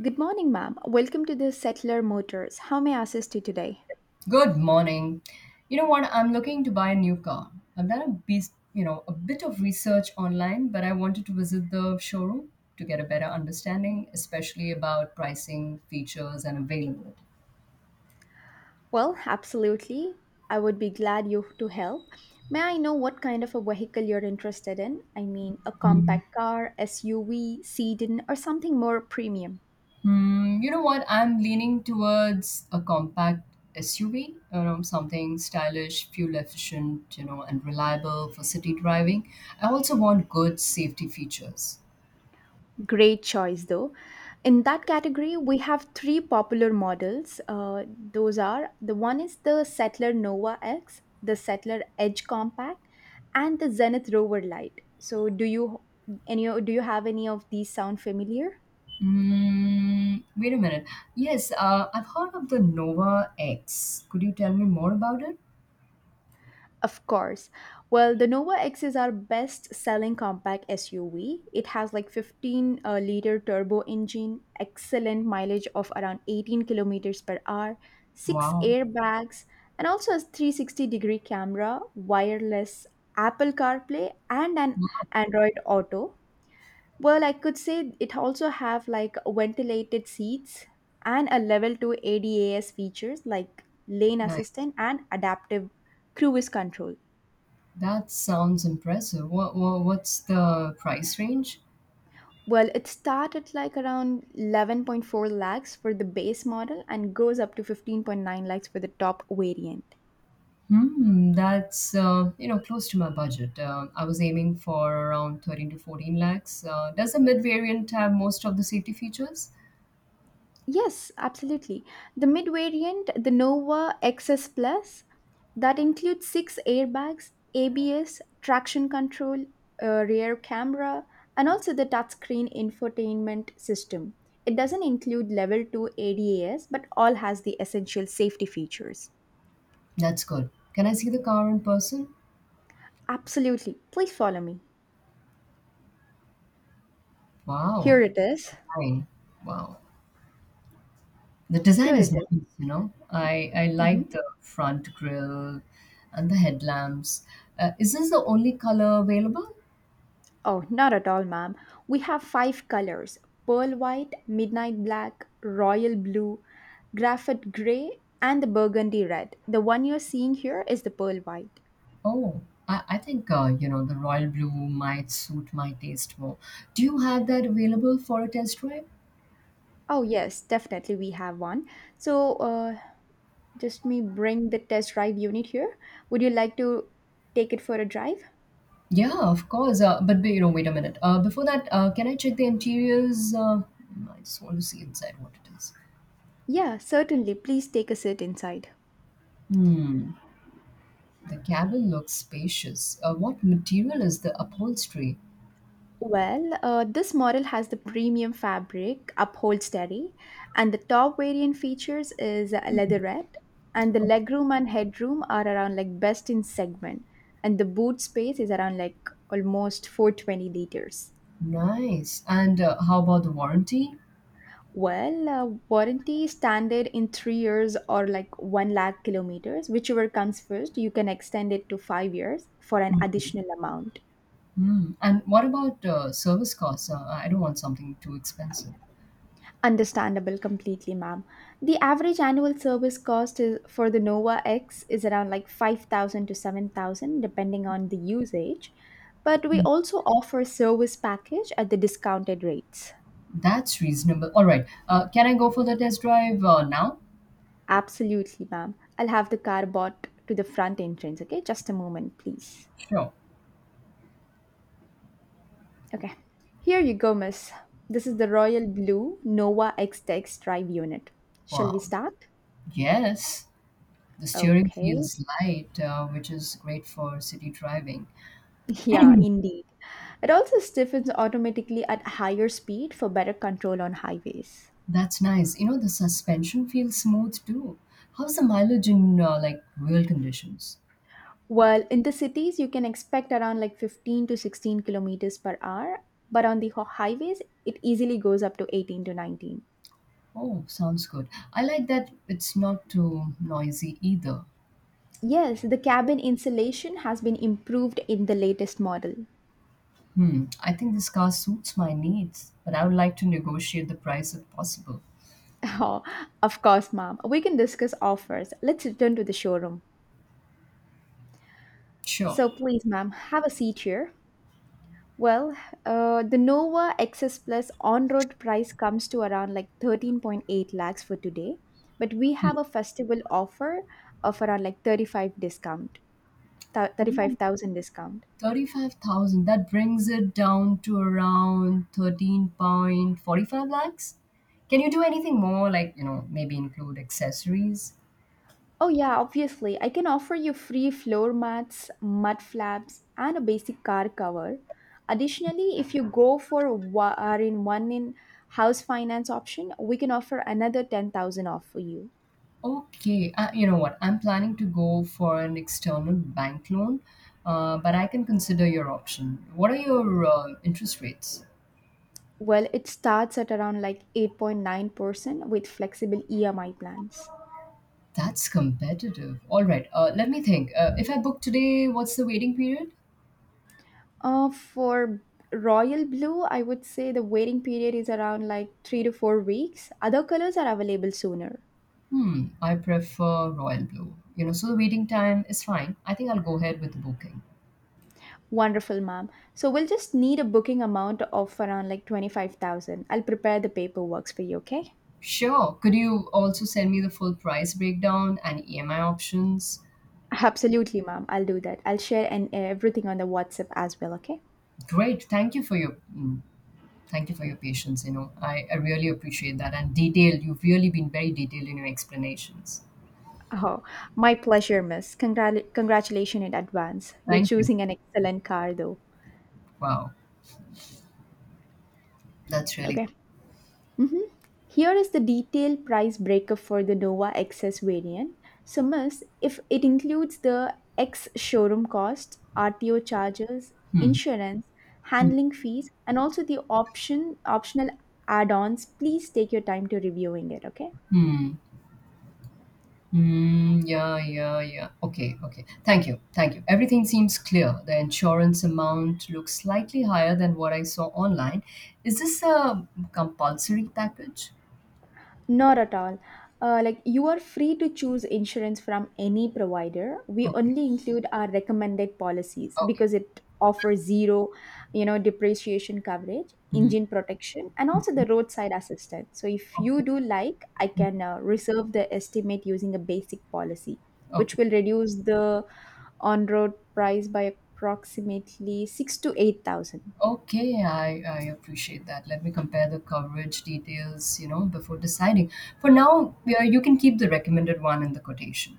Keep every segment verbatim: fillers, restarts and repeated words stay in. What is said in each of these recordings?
Good morning, ma'am. Welcome to the Settler Motors. How may I assist you today? Good morning. You know what? I'm looking to buy a new car. I've done a beast, you know, a bit of research online, but I wanted to visit the showroom to get a better understanding, especially about pricing, features, and availability. Well, absolutely. I would be glad you to help. May I know what kind of a vehicle you're interested in? I mean, a Mhm. compact car, S U V, sedan, or something more premium? Hmm. You know what? I'm leaning towards a compact S U V, you know, something stylish, fuel efficient, you know, and reliable for city driving. I also want good safety features. Great choice, though. In that category, we have three popular models. Uh, those are the one is the Settler Nova X, the Settler Edge Compact, and the Zenith Rover Lite. So, do you any do you have any of these sound familiar? Mm, wait a minute. Yes, uh, I've heard of the Nova X. Could you tell me more about it? Of course. Well, the Nova X is our best selling compact S U V. It has like fifteen uh, liter turbo engine, excellent mileage of around eighteen kilometers per hour, six Wow. airbags, and also a three sixty degree camera, wireless Apple CarPlay, and an Android Auto. Well, I could say it also have like ventilated seats and a level two ADAS features like lane Nice. assistant and adaptive cruise control. That sounds impressive. What, what what's the price range? Well, it started like around eleven point four lakhs for the base model and goes up to fifteen point nine lakhs for the top variant. Hmm, that's uh, you know close to my budget. Uh, I was aiming for around thirteen to fourteen lakhs. Uh, does the mid variant have most of the safety features? Yes, absolutely. The mid variant, the Nova X S Plus, that includes six airbags, A B S, traction control, a rear camera, and also the touchscreen infotainment system. It doesn't include level two ADAS, but all has the essential safety features. That's good. Can I see the car in person? Absolutely. Please follow me. Here Wow. it is. Fine. Wow. The Here design it is is. nice, you know. I I Mhm. like the front grille and the headlamps. Uh, is this the only color available? Oh, not at all, ma'am. We have five colors: pearl white, midnight black, royal blue, graphite gray, and the burgundy red. The one you're seeing here is the pearl white. Oh, I, I think uh, you know the royal blue might suit my taste more. Do you have that available for a test drive? Oh, yes, definitely we have one. So, uh, just me bring the test drive unit here. Would you like to take it for a drive? Yeah, of course. Uh, but but, you know, wait a minute. Uh, before that, uh, can I check the interiors? Uh, I just want to see inside what it is. Yeah, certainly. Please take a seat inside. Hmm. The cabin looks spacious. Uh, what material is the upholstery? Well, uh, this model has the premium fabric, uphold steady, and the top variant features is a leatherette, and the legroom and headroom are around like best in segment, and the boot space is around like almost four twenty liters. Nice. And, uh, how about the warranty? Well, uh, warranty standard in three years or like one lakh kilometers, whichever comes first, you can extend it to five years for an additional amount. Mhm. And what about, uh, service costs? Uh, I don't want something too expensive. Understandable completely, ma'am. The average annual service cost is, for the Nova X is around like five thousand to seven thousand depending on the usage, but we also offer service package at the discounted rates. That's reasonable. All right. Uh, can I go for the test drive, uh, now? Absolutely, ma'am. I'll have the car bought to the front entrance, okay? Just a moment, please. Sure. Okay. Here you go, miss. This is the Royal Blue Nova X Text Drive Unit. Shall we Wow. start? Yes. The steering Okay. feels light, uh, which is great for city driving. Yeah, indeed. It also stiffens automatically at higher speed for better control on highways. That's nice. You know, the suspension feels smooth too. How's the mileage in, uh, like real conditions? While in the cities, you can expect around like fifteen to sixteen kilometers per hour, but on the ho- highways, it easily goes up to eighteen to nineteen. Oh, sounds good. I like that it's not too noisy either. Yes, the cabin insulation has been improved in the latest model. Hmm, I think this car suits my needs, but I would like to negotiate the price if possible. Oh, of course, ma'am. We can discuss offers. Let's return to the showroom. Sure. So please, ma'am, have a seat here. Well, uh, the Nova X S Plus on-road price comes to around like thirteen point eight lakhs for today, but we have Hmm. a festival offer of around like thirty-five discount, thou- Oh, thirty-five thousand discount. thirty-five thousand. That brings it down to around thirteen point four five lakhs. Can you do anything more, like, you know, maybe include accessories? Oh yeah, obviously, I can offer you free floor mats, mud flaps, and a basic car cover. Additionally, if you go for wa- are in one in house finance option, we can offer another ten thousand off for you. Okay, uh, you know what? I'm planning to go for an external bank loan, uh, but I can consider your option. What are your uh, interest rates? Well, it starts at around like eight point nine percent with flexible E M I plans. That's competitive. All right. Uh, let me think. Uh, if I book today, what's the waiting period? Uh, for Royal Blue, I would say the waiting period is around like three to four weeks. Other colors are available sooner. Hmm. I prefer Royal Blue. You know, so the waiting time is fine. I think I'll go ahead with the booking. Wonderful, ma'am. So we'll just need a booking amount of around like twenty-five thousand. I'll prepare the paperwork for you, okay? Sure. Could you also send me the full price breakdown and E M I options? Absolutely, ma'am. I'll do that. I'll share and everything on the WhatsApp as well, okay? Great. Thank you for your mm, thank you for your patience. You know, I, I really appreciate that and detailed. You've really been very detailed in your explanations. Oh, my pleasure, miss. Congrat- congratulations in advance. You're Thank you. choosing an excellent car, though. Wow. That's really Okay. Mhm. Here is the detailed price breakup for the Nova X S variant. So, Miss, if it includes the ex showroom cost, R T O charges, good. insurance, Hmm. handling fees, and also the option optional add-ons, please take your time to reviewing it. Okay. Hmm. Mm, yeah, yeah, yeah. Okay, okay. Thank you. Thank you. Everything seems clear. The insurance amount looks slightly higher than what I saw online. Is this a compulsory package? Not at all. Uh, like you are free to choose insurance from any provider. We Okay, only include our recommended policies okay. because it offers zero, you know, depreciation coverage, Mhm. engine protection, and also the roadside assistance. So if you Okay, do like, I can uh, reserve the estimate using a basic policy, which okay. will reduce the on-road price by approximately six to eight thousand. Okay, I, I appreciate that. Let me compare the coverage details, you know, before deciding. For now, yeah, you can keep the recommended one in the quotation.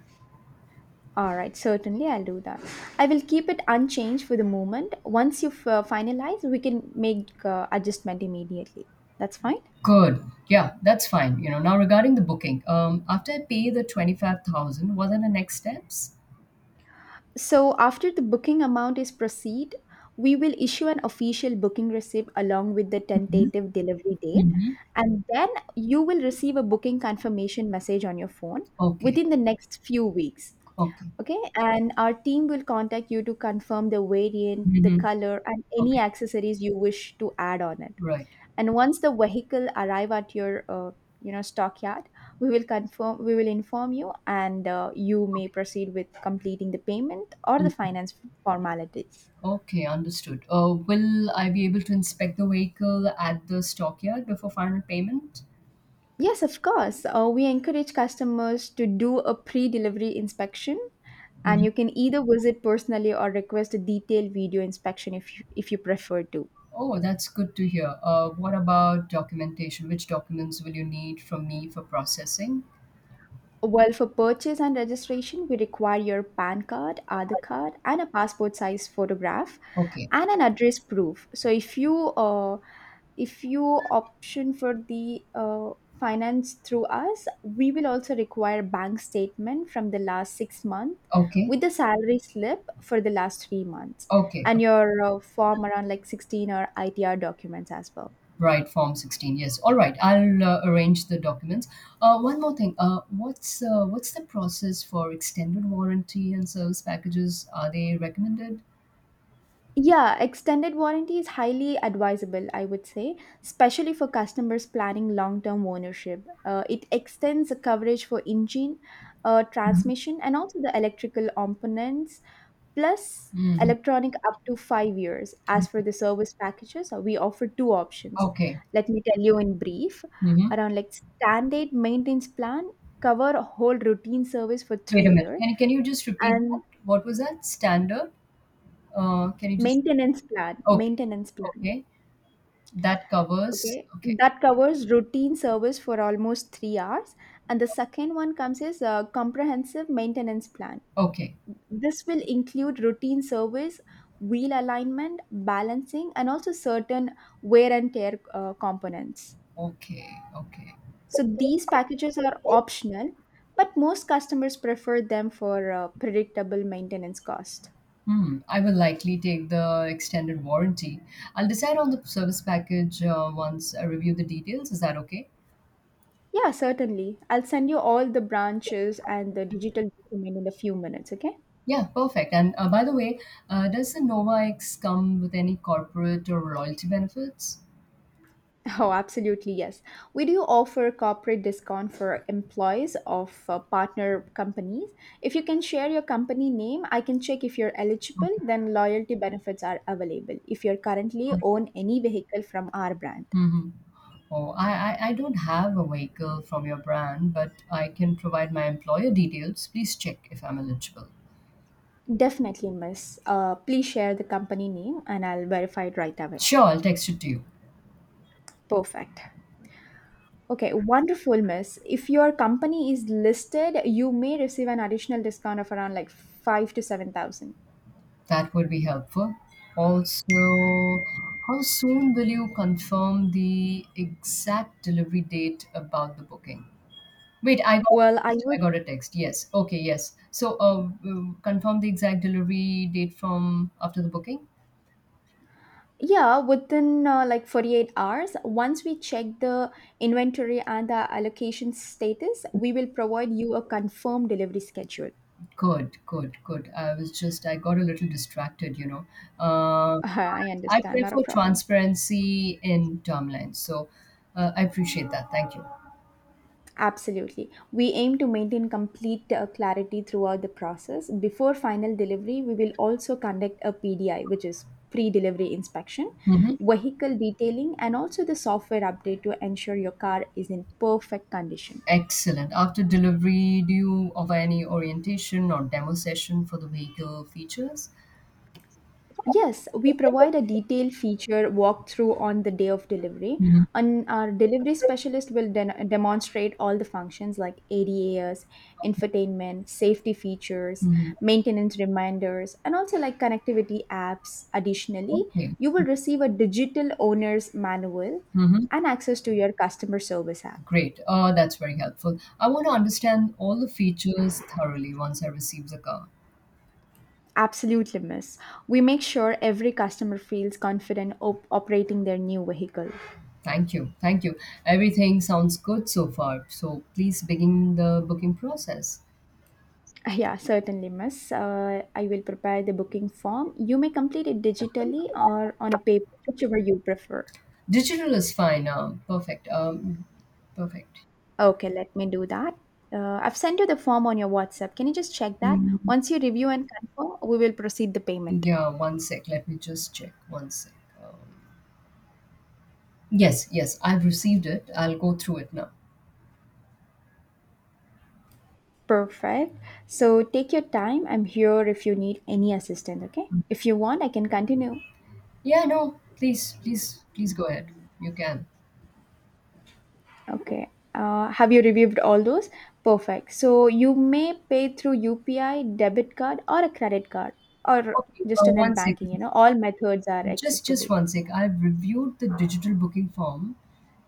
All right, certainly I'll do that. I will keep it unchanged for the moment. Once you've uh, finalized, we can make uh, adjustment immediately. That's fine. Good. Yeah, that's fine. You know, now regarding the booking, um, after I pay the twenty-five thousand, what are the next steps? So after the booking amount is proceed, we will issue an official booking receipt along with the Mhm, tentative delivery date, mhm. and then you will receive a booking confirmation message on your phone Okay, within the next few weeks. okay. Okay, and our team will contact you to confirm the variant, the Mhm. color, and any Okay, accessories you wish to add on it. right. And once the vehicle arrive at your uh, you know stockyard, we will confirm we will inform you, and uh, you may proceed with completing the payment or the Mm. finance formalities. Okay, understood. Uh, will I be able to inspect the vehicle at the stockyard before final payment? Yes, of course. Uh, we encourage customers to do a pre-delivery inspection, and Mhm. you can either visit personally or request a detailed video inspection if you, if you prefer to. Oh, that's good to hear. Uh, what about documentation? Which documents will you need from me for processing? Well, for purchase and registration, we require your PAN card, Aadhaar card, and a passport size photograph Okay, and an address proof. So if you uh, if you option for the uh, finance through us, we will also require bank statement from the last six months okay, with the salary slip for the last three months okay. uh, and your uh, form around like sixteen or I T R documents as well. Right, Form sixteen. Yes. All right, I'll uh, arrange the documents. Uh, one more thing. Uh, what's uh, what's the process for extended warranty and service packages? Are they recommended? Yeah, extended warranty is highly advisable, I would say, especially for customers planning long term ownership. Uh, it extends the coverage for engine, uh, transmission, and also the electrical components, plus Mhm. electronic up to five years. As for Okay. the service packages, uh, we offer two options. Okay. Let me tell you in brief Mhm. around like standard maintenance plan, cover a whole routine service for three Wait a minute. years, Can can you just repeat and that? What was that? Standard? Uh, can you just? maintenance plan, Okay. maintenance plan. Okay. That covers. Okay, Okay. that covers routine service for almost three hours. And the second one comes is a comprehensive maintenance plan. Okay. This will include routine service, wheel alignment, balancing, and also certain wear and tear uh, components. Okay. Okay. So these packages are optional, but most customers prefer them for uh, predictable maintenance cost. Hmm. I will likely take the extended warranty. I'll decide on the service package uh, once I review the details. Is that okay? Yeah, certainly. I'll send you all the branches and the digital document in a few minutes, okay? Yeah, perfect. And uh, by the way, uh, does the Nova X come with any corporate or loyalty benefits? Oh, absolutely, yes. We do offer corporate discount for employees of uh, partner companies. If you can share your company name, I can check if you're eligible, Okay. then loyalty benefits are available if you're currently own any vehicle from our brand. Mm-hmm. Oh, I, I, I don't have a vehicle from your brand, but I can provide my employer details. Please check if I'm eligible. Definitely, miss. Uh, please share the company name and I'll verify it right away. Sure, I'll text it to you. Perfect. Okay, wonderful, miss. If your company is listed, you may receive an additional discount of around like five to seven thousand. That would be helpful. Also, how soon will you confirm the exact delivery date about the booking? Wait, I got a Well, I text. would I got a text. Yes. Okay, yes. So, uh, w- confirm the exact delivery date from after the booking? Yeah, within uh, like forty-eight hours, once we check the inventory and the allocation status, we will provide you a confirmed delivery schedule. Good, good, good. I was just, I got a little distracted, you know. Uh, I I understand, not a prefer problem. transparency in timelines. So uh, I appreciate that. Thank you. Absolutely. We aim to maintain complete uh, clarity throughout the process. Before final delivery, we will also conduct a P D I, which is pre delivery inspection, Hmm. vehicle detailing, and also the software update to ensure your car is in perfect condition. Excellent. After delivery, do you offer any orientation or demo session for the vehicle features? Yes, we provide a detailed feature walkthrough on the day of delivery, Hmm. and our delivery specialist will den- demonstrate all the functions like ADAS, infotainment, safety features, Hmm. maintenance reminders, and also like connectivity apps. Additionally, Okay. you will receive a digital owner's manual Hmm. and access to your customer service app. Great. Uh, that's very helpful. I want to understand all the features thoroughly once I receive the car. Absolutely, miss. We make sure every customer feels confident op- operating their new vehicle. Thank you. Thank you. Everything sounds good so far. So please begin the booking process. Yeah, certainly, miss. Uh, I will prepare the booking form. You may complete it digitally or on a paper, whichever you prefer. Digital is fine. Uh, perfect. Um, perfect. Okay, let me do that. Uh, I've sent you the form on your WhatsApp. Can you just check that? Mm, Once you review and confirm, we will proceed the payment. yeah, one sec. Let me just check. One sec. Um, yes, yes. I've received it. I'll go through it now. Perfect. So take your time. I'm here if you need any assistance, okay? If you want, I can continue. Yeah, no. Please, please, please go ahead. You can. Okay. Uh, have you reviewed all those? Perfect. So you may pay through U P I, debit card, or a credit card, or Okay, just uh, a net one banking. You second. know, all methods are Just, acceptable. just one sec. I've reviewed the digital booking form.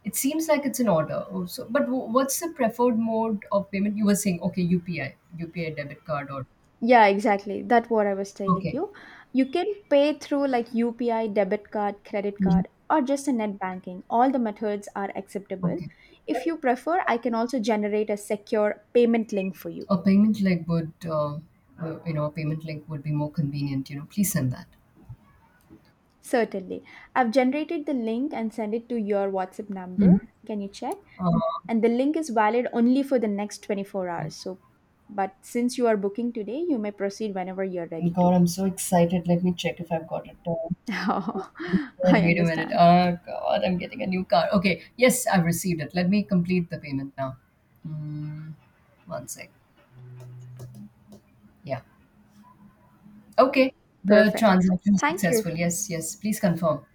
It seems like it's an order. Oh, so, but w- what's the preferred mode of payment? You were saying, okay, U P I, U P I debit card, or Yeah, exactly. That's what I was telling okay, you. You can pay through like U P I, debit card, credit Mhm. card, or just a net banking. All the methods are acceptable. Okay, If you prefer, I can also generate a secure payment link for you. a payment link would, uh, uh, you know, a payment link would be more convenient. You know, please send that. Certainly. I've generated the link and send it to your WhatsApp Hmm. number. Can you check? Um, And the link is valid only for the next twenty-four hours. So, but since you are booking today, you may proceed whenever you're ready to. God, I'm so excited. Let me check if I've got it. Uh, Oh, I Wait a minute. understand. Oh God, I'm getting a new card. Okay, yes, I've received it. Let me complete the payment now. Mm, One sec. Yeah. Okay. The Perfect. transaction is Thank you. successful. Yes, yes. Please confirm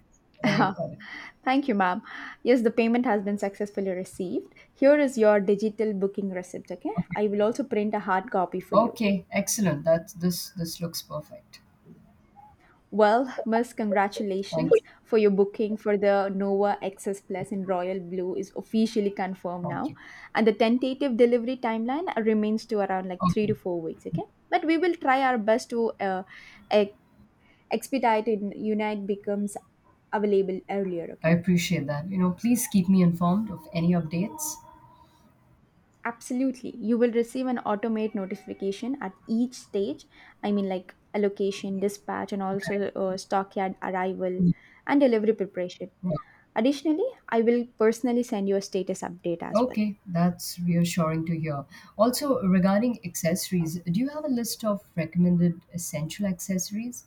whether you got it. Thank you, ma'am. Yes, the payment has been successfully received. Here is your digital booking receipt, okay? Okay. I will also print a hard copy for you. Okay. Excellent. That's this this looks perfect. Well, Miss, Thank you. congratulations for your booking for the Nova X S Plus in royal blue is officially confirmed Thank now, you. and the tentative delivery timeline remains to around like three to Okay. four weeks. Okay, but we will try our best to uh, ex- expedite it. Unite becomes available earlier. I Okay. appreciate that. You know, please keep me informed of any updates. Absolutely. You will receive an automate notification at each stage. I mean, like allocation, dispatch, and also uh, stockyard arrival Mm. and delivery preparation. Yeah. Additionally, I will personally send you a status update as well. Okay, that's reassuring to hear. Also, regarding accessories, do you have a list of recommended essential accessories?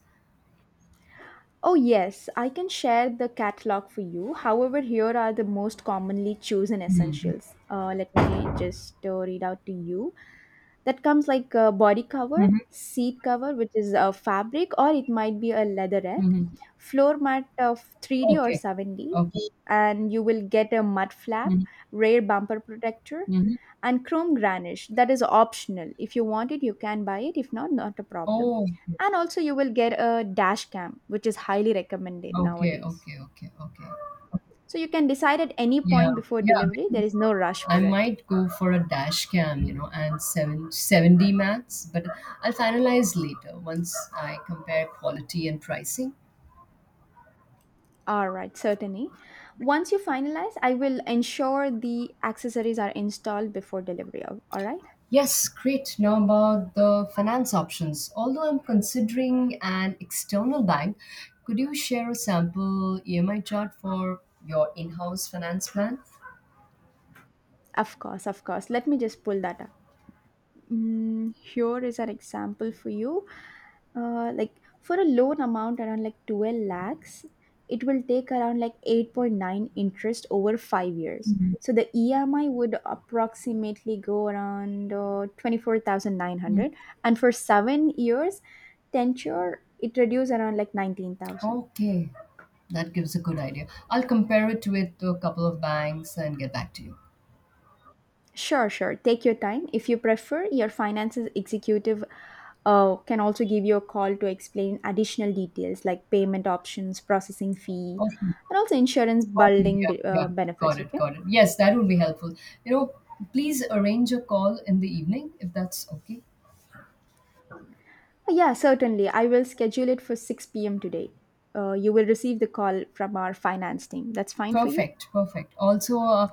Oh, yes, I can share the catalog for you. However, here are the most commonly chosen Mm-hmm. essentials. Uh, let me just uh, read out to you, that comes like a body cover, Mm-hmm. seat cover which is a fabric or it might be a leatherette, Mm-hmm. floor mat of three D or Okay. seven D, Okay. and you will get a mud flap, rear bumper protector, Mm-hmm. and chrome garnish that is optional. If you want it you can buy it, if not not a problem. Oh, And also you will get a dash cam which is highly recommended okay, nowadays, okay, okay, okay. Okay. so you can decide at any Yeah, point before yeah, delivery. There because is no rush for I it. might go for a dash cam, you know, and seven, 7D max, but I'll finalize later once I compare quality and pricing. All right, certainly. Once you finalize, I will ensure the accessories are installed before delivery. All all right? Yes, great. Now about the finance options. Although I'm considering an external bank, could you share a sample E M I chart for your in-house finance plan? Of course, of course. Let me just pull that up. Mm, here is an example for you. Uh, like for a loan amount around like twelve lakhs, it will take around like eight point nine interest over five years. Mhm. So the E M I would approximately go around uh, Mm. twenty-four thousand nine hundred. And for seven years tenure, it reduces around like nineteen thousand. Okay, that gives a good idea. I'll compare it with a couple of banks and get back to you. Sure, sure. Take your time. If you prefer, your finances executive uh, can also give you a call to explain additional details like payment options, processing fee, Okay. and also insurance Okay. bundling Yeah. be- Yeah. uh, benefits. Got it. Okay. Got it. Yes, that would be helpful. You know, please arrange a call in the evening if that's okay. Yeah, certainly. I will schedule it for six p m today. Uh, you will receive the call from our finance team. That's fine for you? Perfect. Perfect. Also, uh,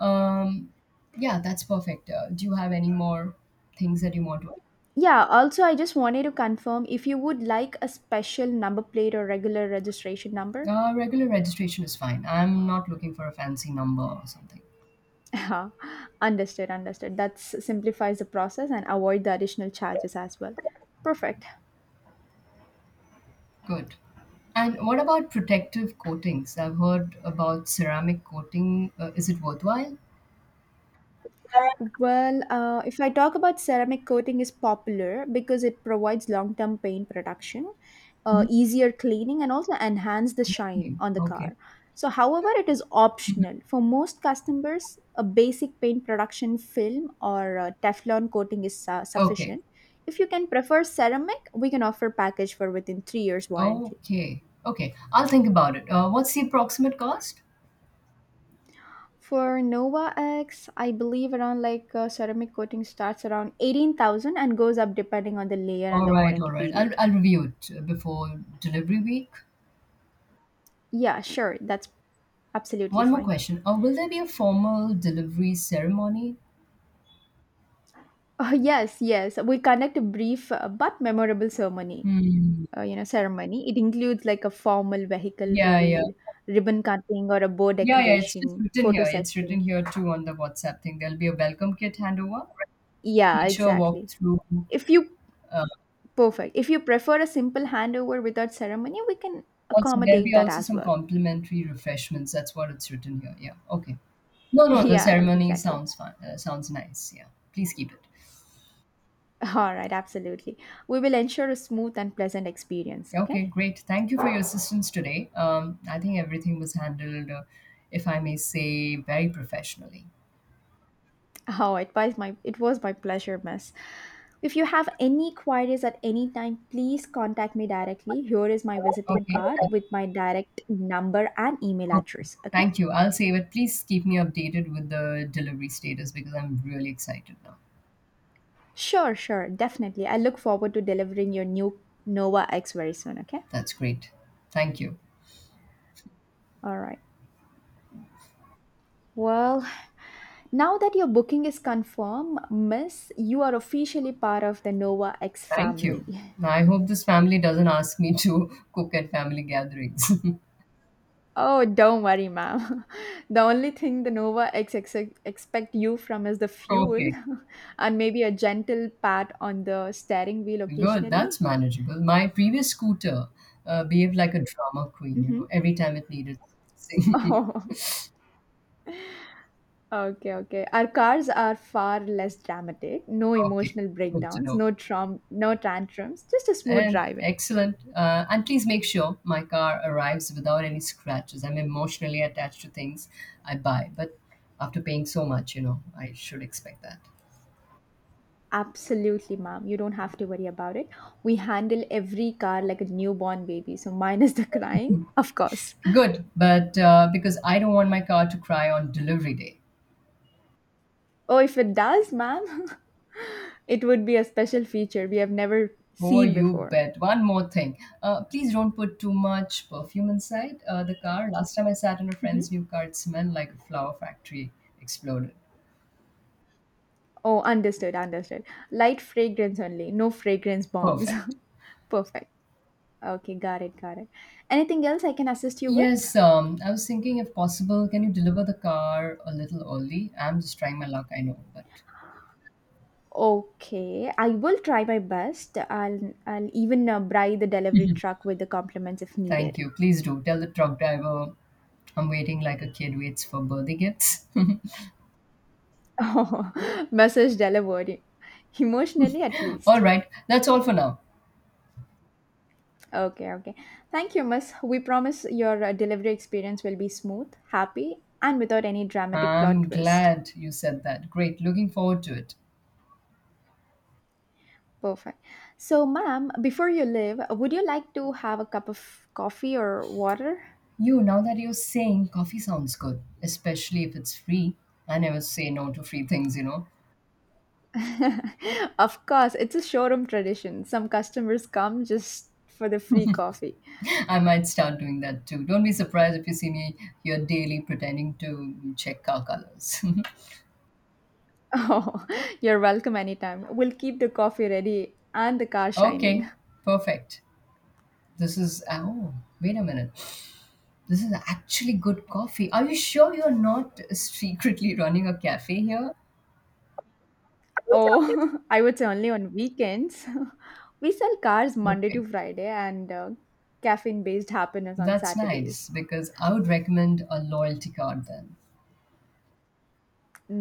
um, yeah, that's perfect. Uh, do you have any more things that you want to? Yeah, also, I just wanted to confirm if you would like a special number plate or regular registration number. Uh, regular registration is fine. I'm not looking for a fancy number or something. Yeah, understood, understood. That simplifies the process and avoid the additional charges as well. Perfect. Good. And what about protective coatings? I've heard. Well, uh, if I talk about ceramic coating, is popular because it provides long-term paint protection, uh, easier cleaning, and also enhance the shine on the car. So, however, it is optional for most customers. A basic paint production film or uh, Teflon coating is su- sufficient. If you can prefer ceramic, we can offer package for within three years warranty. Okay. Okay. I'll think about it. Uh, what's the approximate cost? For Nova X, I believe around like uh, ceramic coating starts around eighteen thousand and goes up depending on the layer and All the right. warranty All right. I'll, period. I'll review it uh, before delivery week. Yeah, sure. That's absolutely One more fine. question. Uh, will there be a formal delivery ceremony? Oh, yes, yes. We conduct a brief uh, but memorable ceremony. Hmm. Uh, you know, ceremony. It includes like a formal vehicle Yeah, yeah. reveal, ribbon cutting, or a bow Yeah, yeah. It's just decoration, written photo here. It's written session. here too on the WhatsApp thing. There'll be a welcome kit handover, Yeah, feature exactly. walkthrough. If you Uh, Perfect, if you prefer a simple handover without ceremony, we can Also, there'll accommodate be that also as some well. complimentary refreshments. That's what it's written here. Yeah. Okay. No, no. The Yeah, ceremony exactly. sounds fine. Uh, sounds nice. Yeah. Please keep it. All right, absolutely. We will ensure a smooth and pleasant experience, Okay, okay? great. Thank you for your assistance today. Um, I think everything was handled, uh, if I may say, very professionally. Oh, it was my it was my pleasure, miss. If you have any queries at any time, please contact me directly. Here is my visiting Okay. card that- with my direct number and email Okay. address, okay? Thank you. I'll save it. Please keep me updated with the delivery status because I'm really excited now. Sure, sure, definitely. I look forward to delivering your new Nova X very soon, okay? That's great. Thank you. All right. Well, now that your booking is confirmed, miss, you are officially part of the Nova X Thank family. you. I hope this family doesn't ask me to cook at family gatherings. Oh, don't worry, ma'am. The only thing the Nova X X X expect you from is the fuel, Okay, and maybe a gentle pat on the steering wheel good. That's occasionally. manageable. My previous scooter uh, behaved like a drama queen, you Hmm. know, every time it needed something. Oh, okay, okay. Our cars are far less dramatic. No Okay, emotional good to breakdowns, know. no trom- no tantrums, just a smooth And driving. excellent. Uh, and please make sure my car arrives without any scratches. I'm emotionally attached to things I buy, but after paying so much, you know, I should expect that. Absolutely, ma'am. You don't have to worry about it. We handle every car like a newborn baby, so minus the crying, of course. Good, but uh, because I don't want my car to cry on delivery day. Oh, if it does, ma'am, it would be a special feature we have never Oh, seen you before. bet. One more thing. Uh, please don't put too much perfume inside uh, the car. Last time I sat in a friend's Mhm. new car, it smelled like a flower factory exploded. Oh, understood, understood. Light fragrance only, no fragrance bombs. Perfect. Perfect. Okay, got it, got it. Anything else I can assist you with? Yes, um, I was thinking if possible, can you deliver the car a little early? I'm just trying my luck, I know, but Okay, I will try my best. I'll I'll even uh, bribe the delivery truck with the compliments if thank needed. you. Please do. Tell the truck driver I'm waiting like a kid waits for birthday gifts. Oh, message delivered. Emotionally, at All least. right, that's all for now. Okay, okay. Thank you, miss. We promise your uh, delivery experience will be smooth, happy, and without any dramatic plot I'm twist. glad you said that. Great, looking forward to it. Perfect. So, ma'am, before you leave, would you like to have a cup of coffee or water? You, now that you're saying, coffee sounds good, especially if it's free. I never say no to free things, you know. Of course, it's a showroom tradition. Some customers come just for the free coffee. I might start doing that too. Don't be surprised if you see me here daily pretending to check car colors. Oh, you're welcome anytime. We'll keep the coffee ready and the car shining. Okay, perfect. This is oh, Wait a minute. This is actually good coffee. Are you sure you're not secretly running a cafe here? Oh, I would say only on weekends. We sell cars Monday to Okay, Friday and uh, caffeine based happiness on that's Saturdays. nice because I would recommend a loyalty card then.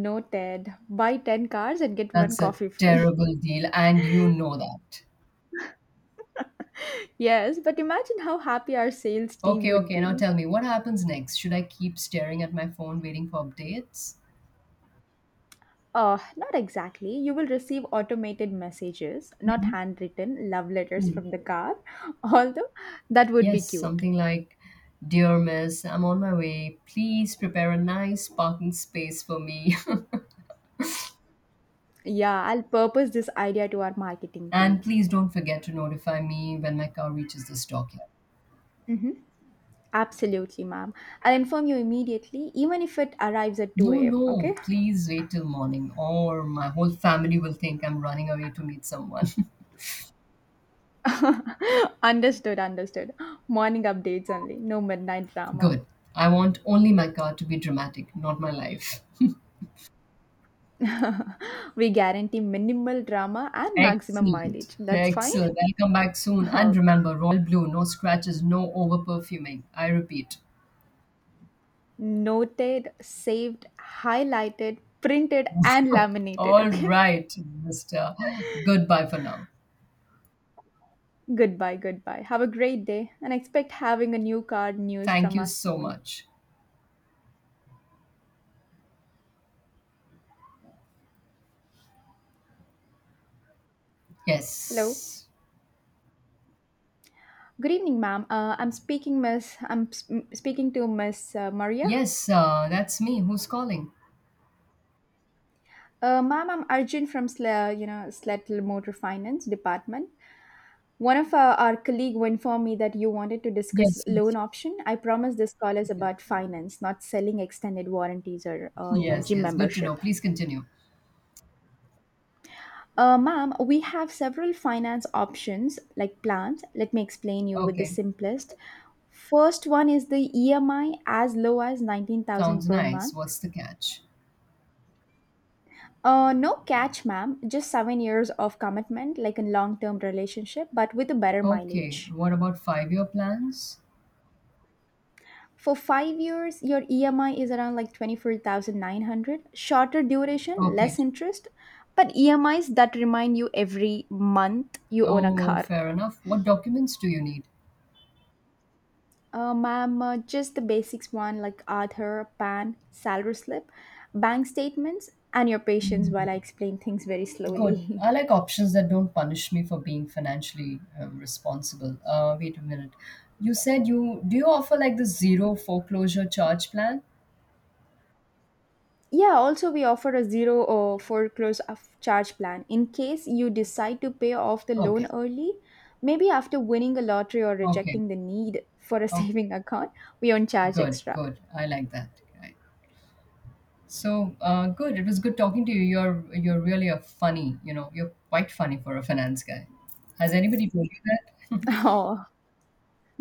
No Ted, buy ten cars and get one That's a coffee free. terrible deal, and you know that. Yes, but imagine how happy our sales team Okay, would okay. Now be. tell me, what happens next? Should I keep staring at my phone waiting for updates? Uh, not exactly. You will receive automated messages, not Mhm. handwritten love letters Hmm. from the car, although that would be Yes, cute. something like, dear Miss, I'm on my way. Please prepare a nice parking space for me. Yeah, I'll purpose this idea to our marketing And team. please don't forget to notify me when my car reaches the stockyard. Mhm. Absolutely, ma'am. I'll inform you immediately, even if it arrives at No, two a m. no, Okay? please wait till morning, or my whole family will think I'm running away to meet someone. Understood, understood. Morning updates only, no midnight drama. Good. I want only my car to be dramatic, not my life. We guarantee minimal drama and maximum Excellent. mileage. That's fine. Excellent. I'll come back soon. Oh, And remember, Royal Blue, no scratches, no over perfuming. I repeat. noted, saved, highlighted, printed, and laminated. All Okay? right, Mister Goodbye for now. Goodbye, goodbye. Have a great day and expect having a new card news Thank from you us so soon. much. Hello? Yes. Good evening, ma'am. Uh, I'm speaking, Miss. I'm s- m- speaking to Miss uh, Maria. Yes, uh, that's me. Who's calling? Uh, ma'am, I'm Arjun from Sla, you know, Slatel Motor Finance Department. One of uh, our colleague informed me that you wanted to discuss Yes, yes, loan yes, option. I promise this call is yes, about finance, not selling extended warranties or uh, you know yes. gym Yes. Good to know. membership. Please continue. Uh, ma'am, we have several finance options like plans. Let me explain you with the Okay, simplest. First one is the E M I as low as nineteen thousand sounds per nice. month. What's the catch? Uh, no catch, ma'am. Just seven years of commitment, like a long term relationship, but with a better Okay, mileage. what about five year plans? For five years, your E M I is around like twenty-four thousand nine hundred. Shorter duration, Okay, less interest, but E M Is that remind you every month you own a oh, car. fair enough. What documents do you need? Uh, ma'am, uh, just the basics one like Aadhaar, P A N, salary slip, bank statements, and your patience while I explain things very Good. slowly. I like options that don't punish me for being financially um, responsible. Uh, wait a minute. You said you do you offer like the zero foreclosure charge plan? Yeah, also we offer a zero or foreclose of charge plan in case you decide to pay off the loan Okay, early, maybe after winning a lottery or okay, rejecting the need for a okay. saving account, we don't charge Good, extra. good. I like that. So uh, good. It was good talking to you. You're you're really a funny. You know, you're quite funny for a finance guy. Has anybody told you that? Oh,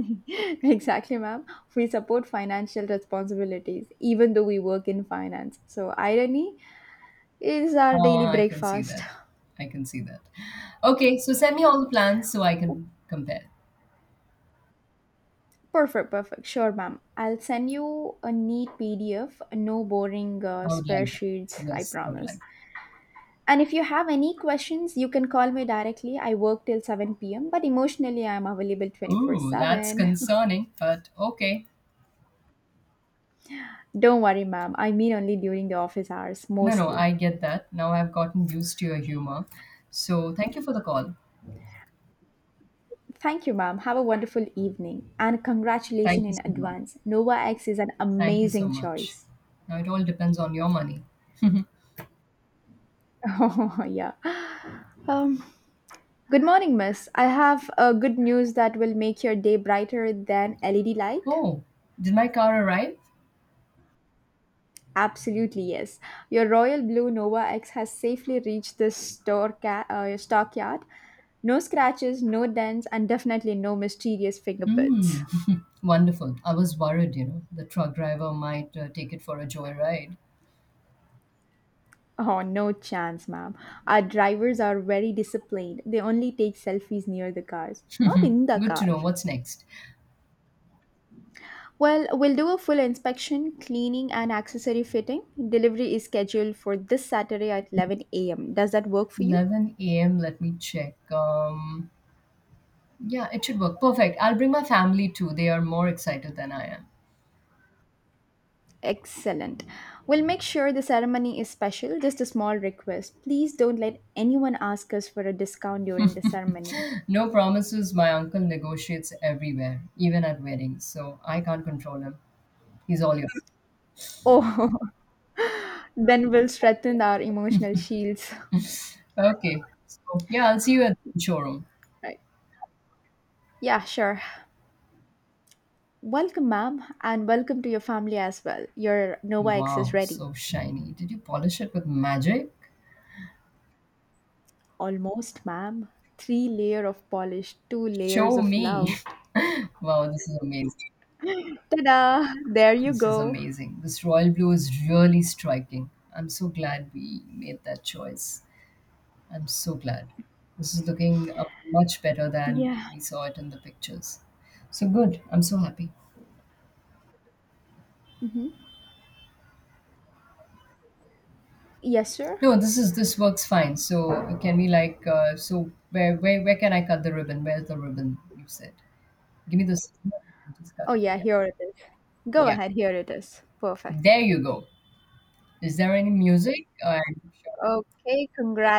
exactly, ma'am. We support financial responsibilities even though we work in finance. So irony is our daily Ah, I can see breakfast. that. I can see that. Okay, so send me all the plans so I can compare. Perfect, perfect. Sure, ma'am. I'll send you a neat P D F, no boring uh, I would spare like that. sheets, I Yes, I would promise. like. And if you have any questions, you can call me directly. I work till seven p m, but emotionally, I'm available 24 Ooh, that's 7. concerning, but okay. Don't worry, ma'am. I mean only during the office hours, No, no, mostly. I get that. Now I've gotten used to your humor. So thank you for the call. Thank you, ma'am. Have a wonderful evening. And Thank congratulations you in so much. advance. Nova X is an Thank you so amazing much. choice. Now it all depends on your money. Oh, yeah. Um, good morning, miss. I have uh, good news that will make your day brighter than L E D light. Oh, did my car arrive? Absolutely, yes. Your Royal Blue Nova X has safely reached the store ca- uh, stockyard. No scratches, no dents, and definitely no mysterious fingerprints. Mm. Wonderful. I was worried, you know, the truck driver might uh, take it for a joyride. Oh, no chance, ma'am. Our drivers are very disciplined. They only take selfies near the cars, not in the Good to car. know. What's next? Well, we'll do a full inspection, cleaning, and accessory fitting. Delivery is scheduled for this Saturday at eleven a m. Does that work for you? eleven a m. Let me check. Um, yeah, it should work. Perfect. I'll bring my family too. They are more excited than I am. Excellent. We'll make sure the ceremony is special. Just a small request. Please don't let anyone ask us for a discount during the ceremony. No promises. My uncle negotiates everywhere, even at weddings. So I can't control him. He's all yours. Oh, then we'll strengthen our emotional shields. Okay. So yeah, I'll see you at the showroom. Right. Yeah, sure. Welcome, ma'am, and welcome to your family as well. Your Nova X is Wow, ready. so shiny. Did you polish it with magic? Almost, ma'am. Three layer of polish, two layers Show of me. love. Wow, this is amazing. Ta-da! There you This is go. amazing. This royal blue is really striking. I'm so glad we made that choice. I'm so glad. This is looking uh, much better than Yeah. we saw it in the pictures. So good. I'm so happy. Hmm. Yes, sir. No, this is this works fine. So can we like uh, so where where where can I cut the ribbon? Where's the ribbon? You said. Give me the scissors. Just cut Oh, it. yeah, Yeah. here it is. Go Yeah. ahead, here it is. Perfect. There you go. Is there any music? I Okay,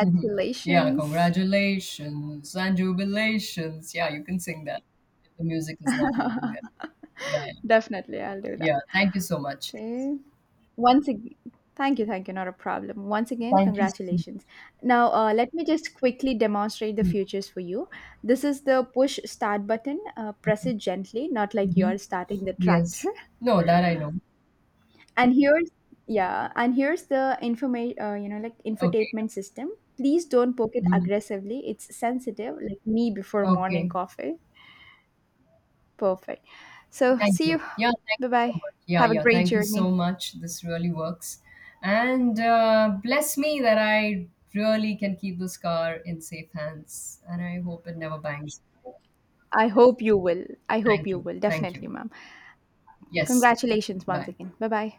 mhm. Yeah, congratulations and jubilations. Yeah, you can sing that. The music is not working there. Yeah, yeah. Definitely, I'll do that. Yeah, thank you so much. Okay. Once again, thank you, thank you, not a problem. Once again, Thank you. So congratulations. Now, uh, let me just quickly demonstrate the mm, futures for you. This is the push start button. Uh, press it gently, not like you are mhm. starting the tractor. Yes. No, that I know. And here's yeah, and here's the information. Uh, you know, like Okay. Yeah. infotainment system. Please don't poke it Mm, aggressively. It's sensitive, like me before morning okay. coffee. Perfect. So, Thank see you. you. Yeah, thank Bye you so bye. much. Yeah, Have a yeah. great Thank you so journey. much. This really works. And uh, bless me that I really can keep this car in safe hands. And I hope it never bangs. I Yes. hope you will. I hope Thank you you. will. Thank Definitely, you. ma'am. Yes. Congratulations once Bye. again. Bye bye.